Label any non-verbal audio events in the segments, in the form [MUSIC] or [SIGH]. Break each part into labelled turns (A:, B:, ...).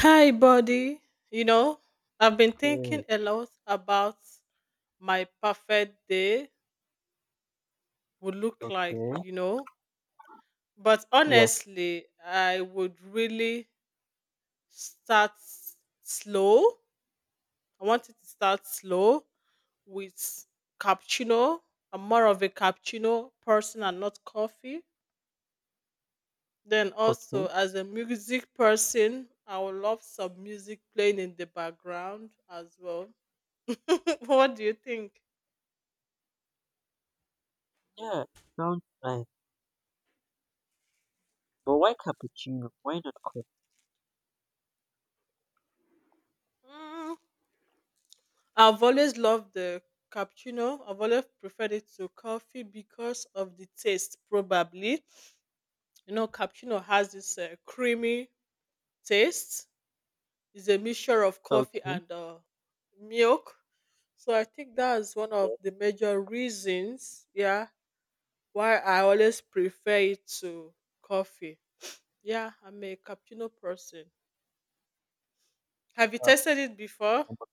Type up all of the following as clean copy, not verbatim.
A: Hi, buddy. You know, I've been
B: Mm,
A: thinking a lot about my perfect day would look like,
B: okay.
A: you know. But
B: Yeah,
A: honestly, I would really start s- slow. I wanted to start slow with cappuccino. I'm more of a cappuccino person and not coffee. Then also
B: okay.
A: as a music person, I would love some music playing in the background as well. [LAUGHS] What do you think?
B: Yeah, sounds nice. But why cappuccino? Why not coffee?
A: Mm, I've always loved the cappuccino. I've always preferred it to coffee because of the taste, probably. Cappuccino has this creamy taste. It's a mixture of coffee
B: Okay.
A: and milk. So I think that's one of
B: Yes,
A: the major reasons, yeah, why I always prefer it to coffee. Yeah, I'm a cappuccino person. Have you
B: uh,
A: tasted it before?
B: I'm a,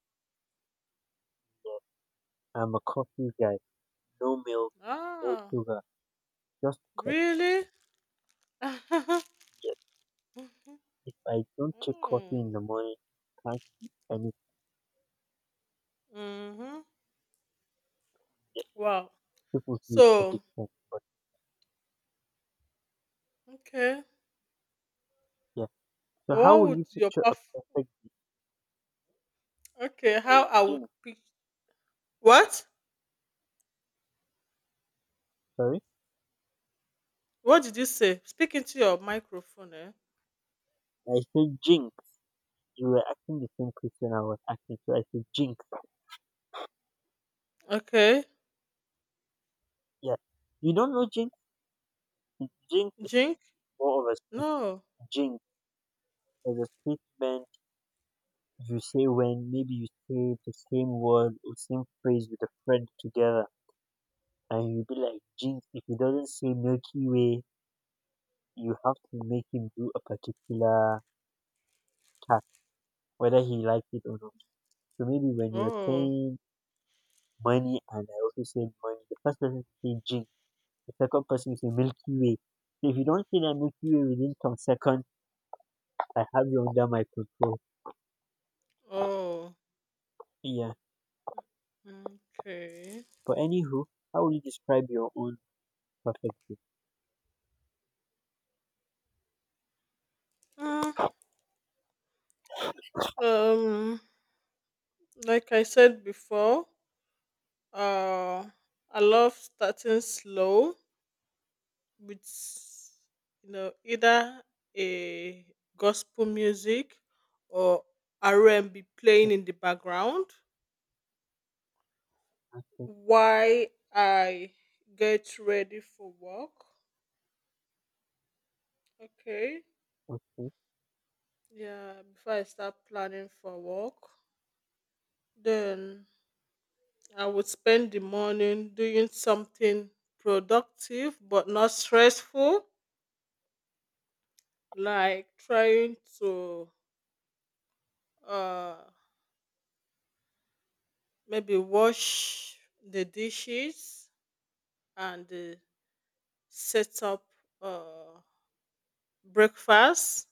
B: yeah, I'm a coffee guy. No milk, no
A: Ah,
B: sugar, just coffee.
A: really? [LAUGHS]
B: Yes. If I don't take coffee
A: Mm.
B: in the morning, can't eat anything.
A: Mhm.
B: Yes.
A: Wow.
B: People say it's
A: So,
B: addiction, but
A: okay.
B: yeah. So how
A: What
B: will
A: would
B: you
A: your
B: picture a
A: perf-
B: perfect day?
A: okay, how
B: Hey,
A: I would
B: Jinx,
A: pick what?
B: sorry?
A: What did you say? Speak into your microphone, eh?
B: I said jinx. You were asking the same question I was asking, so I said jinx.
A: Okay.
B: Yeah. You don't know jinx? Jinx,
A: Drink?
B: more of a speech
A: No.
B: jinx. There's a statement you say when maybe you say the same word or same phrase with a friend together, and you be like, jinx. If he doesn't say Milky Way, you have to make him do a particular task, whether he likes it or not. So maybe when you're
A: Oh.
B: saying money and I also say money, the first person say jinx, the second person say Milky Way. So if you don't say that Milky Way within some seconds, I have you under my control.
A: Oh.
B: Yeah.
A: Okay.
B: But anywho, how would you describe your own perfectly.
A: Mm, Um like I said before, uh I love starting slow with either a gospel music or R&B
B: And
A: playing in the background
B: I said,
A: while I get ready for work. Okay.
B: okay,
A: Yeah, before I start planning for work, then I would spend the morning doing something productive but not stressful, like trying to uh maybe wash the dishes and set up uh, breakfast.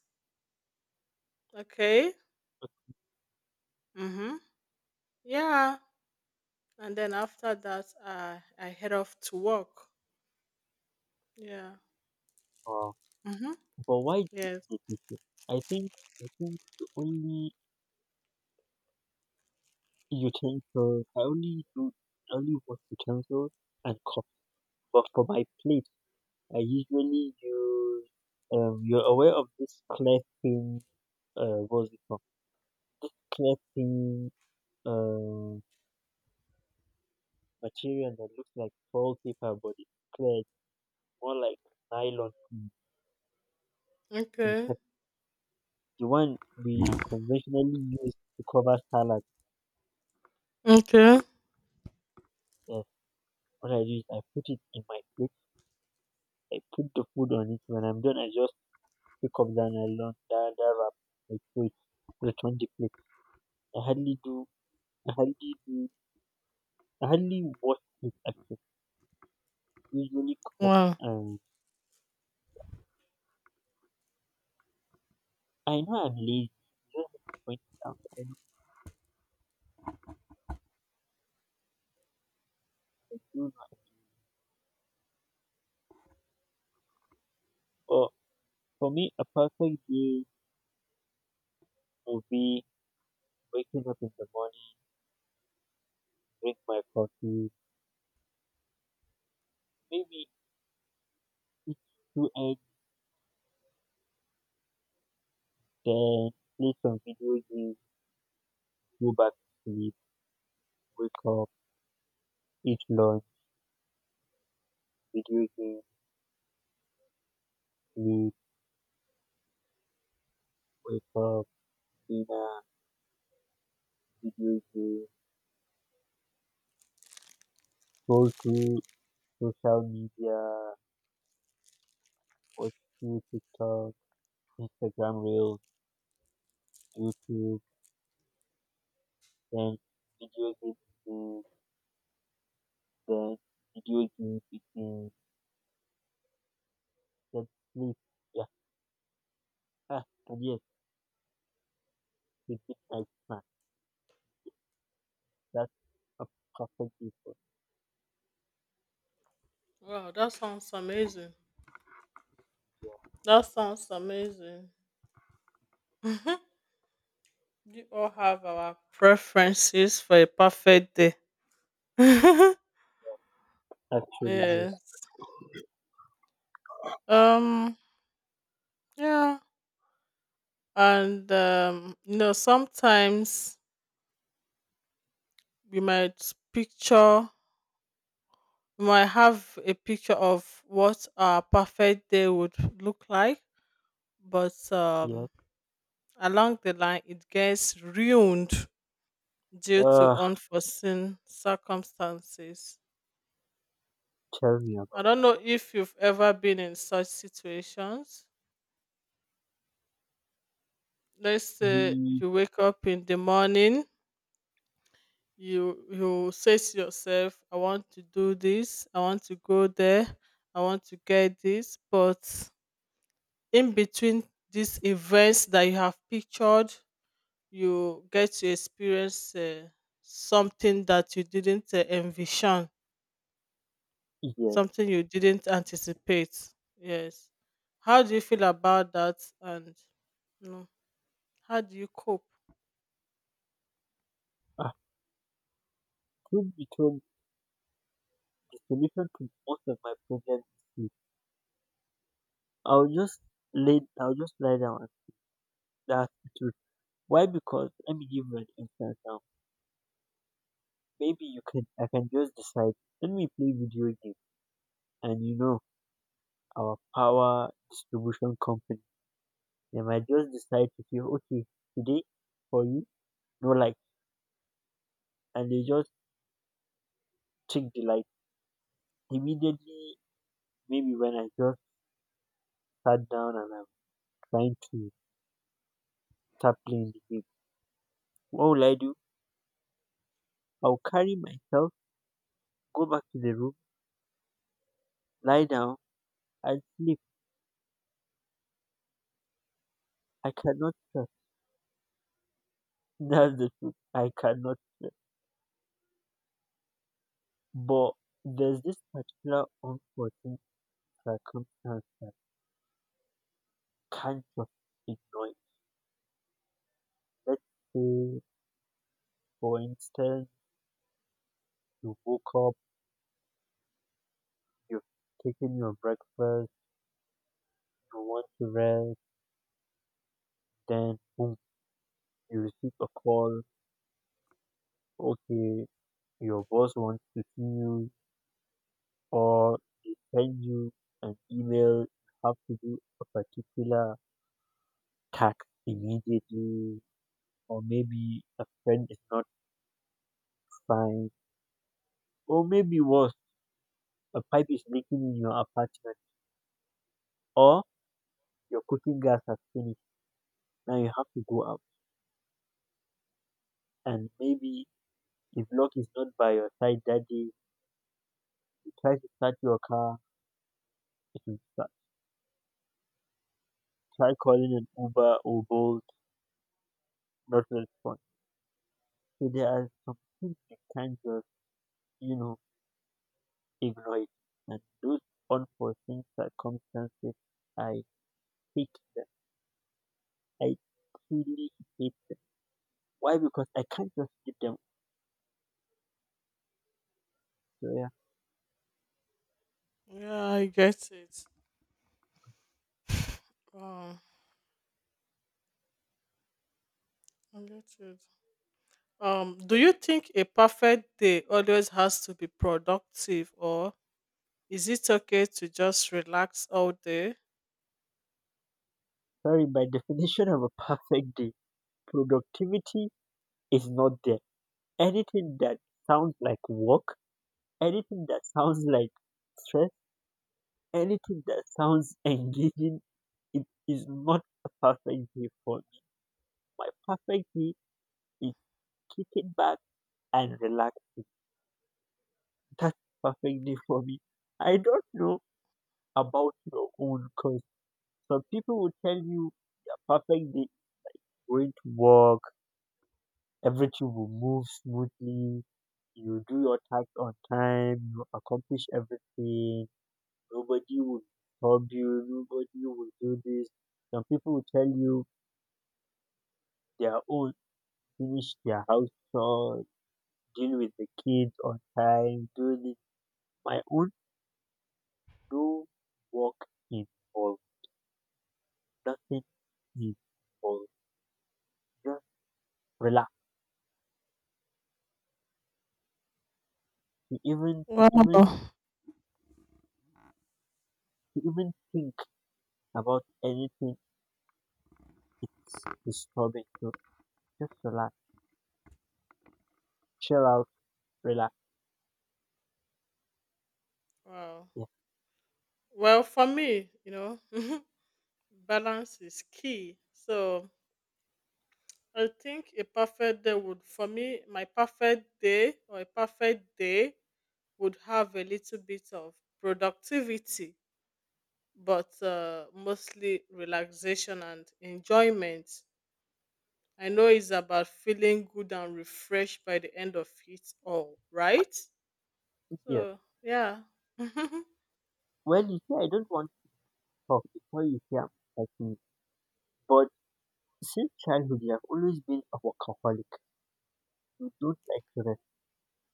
A: Okay. Mm-hmm. Yeah. And then after that, I head off to work. Yeah.
B: uh,
A: Mm-hmm.
B: but why do
A: Yes.
B: you do this? I think I think the only utensil I only wash utensils and cups. But for my plate, I usually use You're aware of this clear thin what's it called? Clear thin um material that looks like foil paper, but it's clear. It's more like nylon. In
A: Okay.
B: fact, the one we conventionally use to cover salad.
A: Okay.
B: What I do is I put it in my plate, I put the food on it. When I'm done, I just pick up the nylon, the wrap, I throw it, return the plate. I hardly do, I hardly do, I hardly wash it actually. Usually cup
A: Wow.
B: and I know I'm lazy. Just point it out. I know, I do not. But for me, a perfect day would be waking up in the morning, drink my coffee, maybe eat two eggs, then play some video games, go back to sleep, wake up, eat lunch. Did you eat? Sleep? Wake up? Dinner? Did you scroll through social media? Watch through TikTok, Instagram Reels, YouTube? Then did you eat? Sleep? Then did you eat? Then sleep? Yeah. Ah, and yes, it is my snack. That's a perfect day for
A: Wow. That sounds amazing.
B: me.
A: That sounds amazing. We all have our preferences for a perfect day. [LAUGHS]
B: Yeah. Actually, yes.
A: Yes. Um. Yeah. And. Sometimes we might picture we might have a picture of what our perfect day would look like but
B: Yes.
A: um along the line it gets ruined due to
B: Uh,
A: unforeseen circumstances.
B: tell me
A: I
B: about
A: don't know if you've ever been in such situations. Let's
B: it.
A: say
B: The
A: you wake up in the morning, you say to yourself, I want to do this, I want to go there, I want to get this, but in between these events that you have pictured, you get to experience something that you didn't envision,
B: Yes.
A: something you didn't anticipate. Yes. How do you feel about that? And you know, how do you cope?
B: Ah, truth be told, the solution to most of my problems is sleep. I'll just I'll just lie down, and that's the truth. Why? Because let me give you an instance now. Maybe you can I can just decide, let me play video game, and you know our power distribution company. They might just decide to say, okay, today for you, no light, and they just check the light. Immediately maybe when I just sat down and I'm trying to start playing the game. What will I do? I'll carry myself, go back to the room, lie down and sleep. I cannot That's the truth. I cannot say. But there's this particular unforeseen circumstance that can't just ignore it. Let's say, for instance, you woke up, you've taken your breakfast, you want to rest, then boom, you receive a call. Okay, your boss wants to see you, or they send you an email. You have to do a particular task immediately, or maybe a friend is not fine. Or maybe worse, a pipe is leaking in your apartment or your cooking gas has finished. Now you have to go out. And maybe if luck is not by your side that day, you try to start your car, it will start. Try calling an Uber or Bolt, not respond. So there are some things you can't just, you know, ignore it. And those unforeseen circumstances, I hate them. I truly hate them. Why? Because I can't just give them. So yeah,
A: Yeah, I get it. Um, I get it. Do you think a perfect day always has to be productive, or is it okay to just relax all day?
B: sorry, by [LAUGHS] definition of a perfect day, productivity is not there. Anything that sounds like work, anything that sounds like stress, anything that sounds [LAUGHS] engaging, it is not a perfect day for me. My perfect day is kicking back and relaxing. That's perfect day for me. I don't know about your own because some people will tell you their perfect day is going to work, everything will move smoothly, you do your task on time, you accomplish everything, nobody will disturb you, nobody will do this. Some people will tell you their own, finish their house chores, deal with the kids on time, do this. My own, no work involved, nothing involved. Just relax. To even to even
A: Wow.
B: to even think about anything, it's disturbing. So just relax, chill out, relax.
A: Wow.
B: Yes,
A: Well, for me, you know, [LAUGHS] balance is key. So I think a perfect day would, for me, my perfect day or a perfect day would have a little bit of productivity, but mostly relaxation and enjoyment. I know it's about feeling good and refreshed by the end of it all, right?
B: yes.
A: So, yeah. [LAUGHS] [LAUGHS] uh,
B: Well, you see, I don't want talk before you say I'm, but since childhood you have always been a workaholic. You don't like to rest.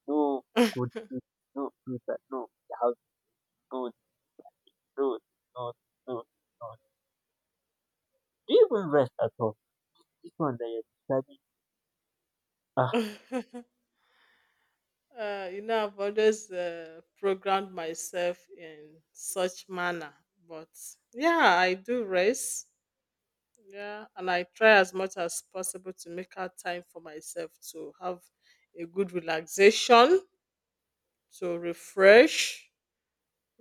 B: No, good, no, do that, no, the house, no, no, no, no, no. Do you even rest at all? This one that you're describing, ah,
A: you know, I've always programmed myself in such manner, but yeah, I do rest. Yeah, and I try as much as possible to make out time for myself to have a good relaxation, to refresh,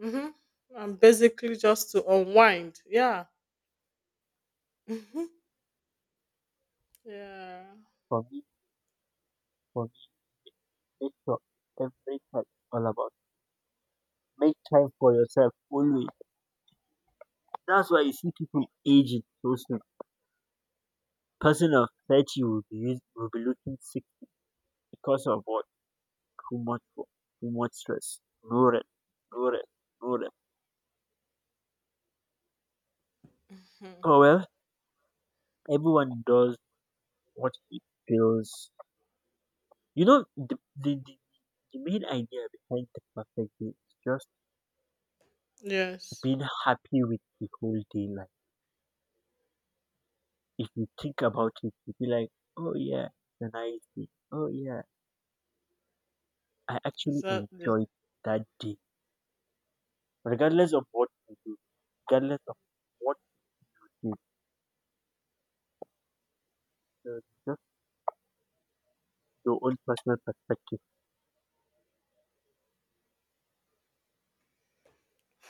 A: hmm, and basically just to unwind. Yeah. Hmm. Yeah.
B: for me, for me, make sure every time it's all about make time for yourself always. That's why you see people aging so soon. Person of 30 will be, will be looking sick because of what? Too much wo- too much stress. No rest. No rest. No rest.
A: Mhm.
B: Oh well, everyone does what he feels. You know, the main idea behind the perfect day is just
A: Yes,
B: being happy with the whole day. Like, if you think about it, you be like, oh yeah, it's a nice day. Oh yeah, I actually
A: exactly.
B: enjoyed that day. Regardless of what you do, regardless of what you do, just your own personal perspective.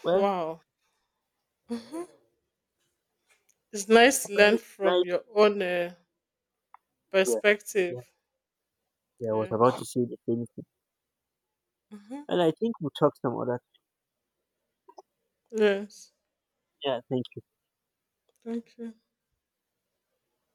B: Well,
A: Wow. Hmm. It's nice to
B: well,
A: learn from
B: nice,
A: your own
B: yeah.
A: perspective.
B: Yeah, I was about to
A: Yes.
B: say the same thing.
A: Hmm.
B: And I think we'll talk some other.
A: Yes.
B: Yeah, thank you.
A: Thank you.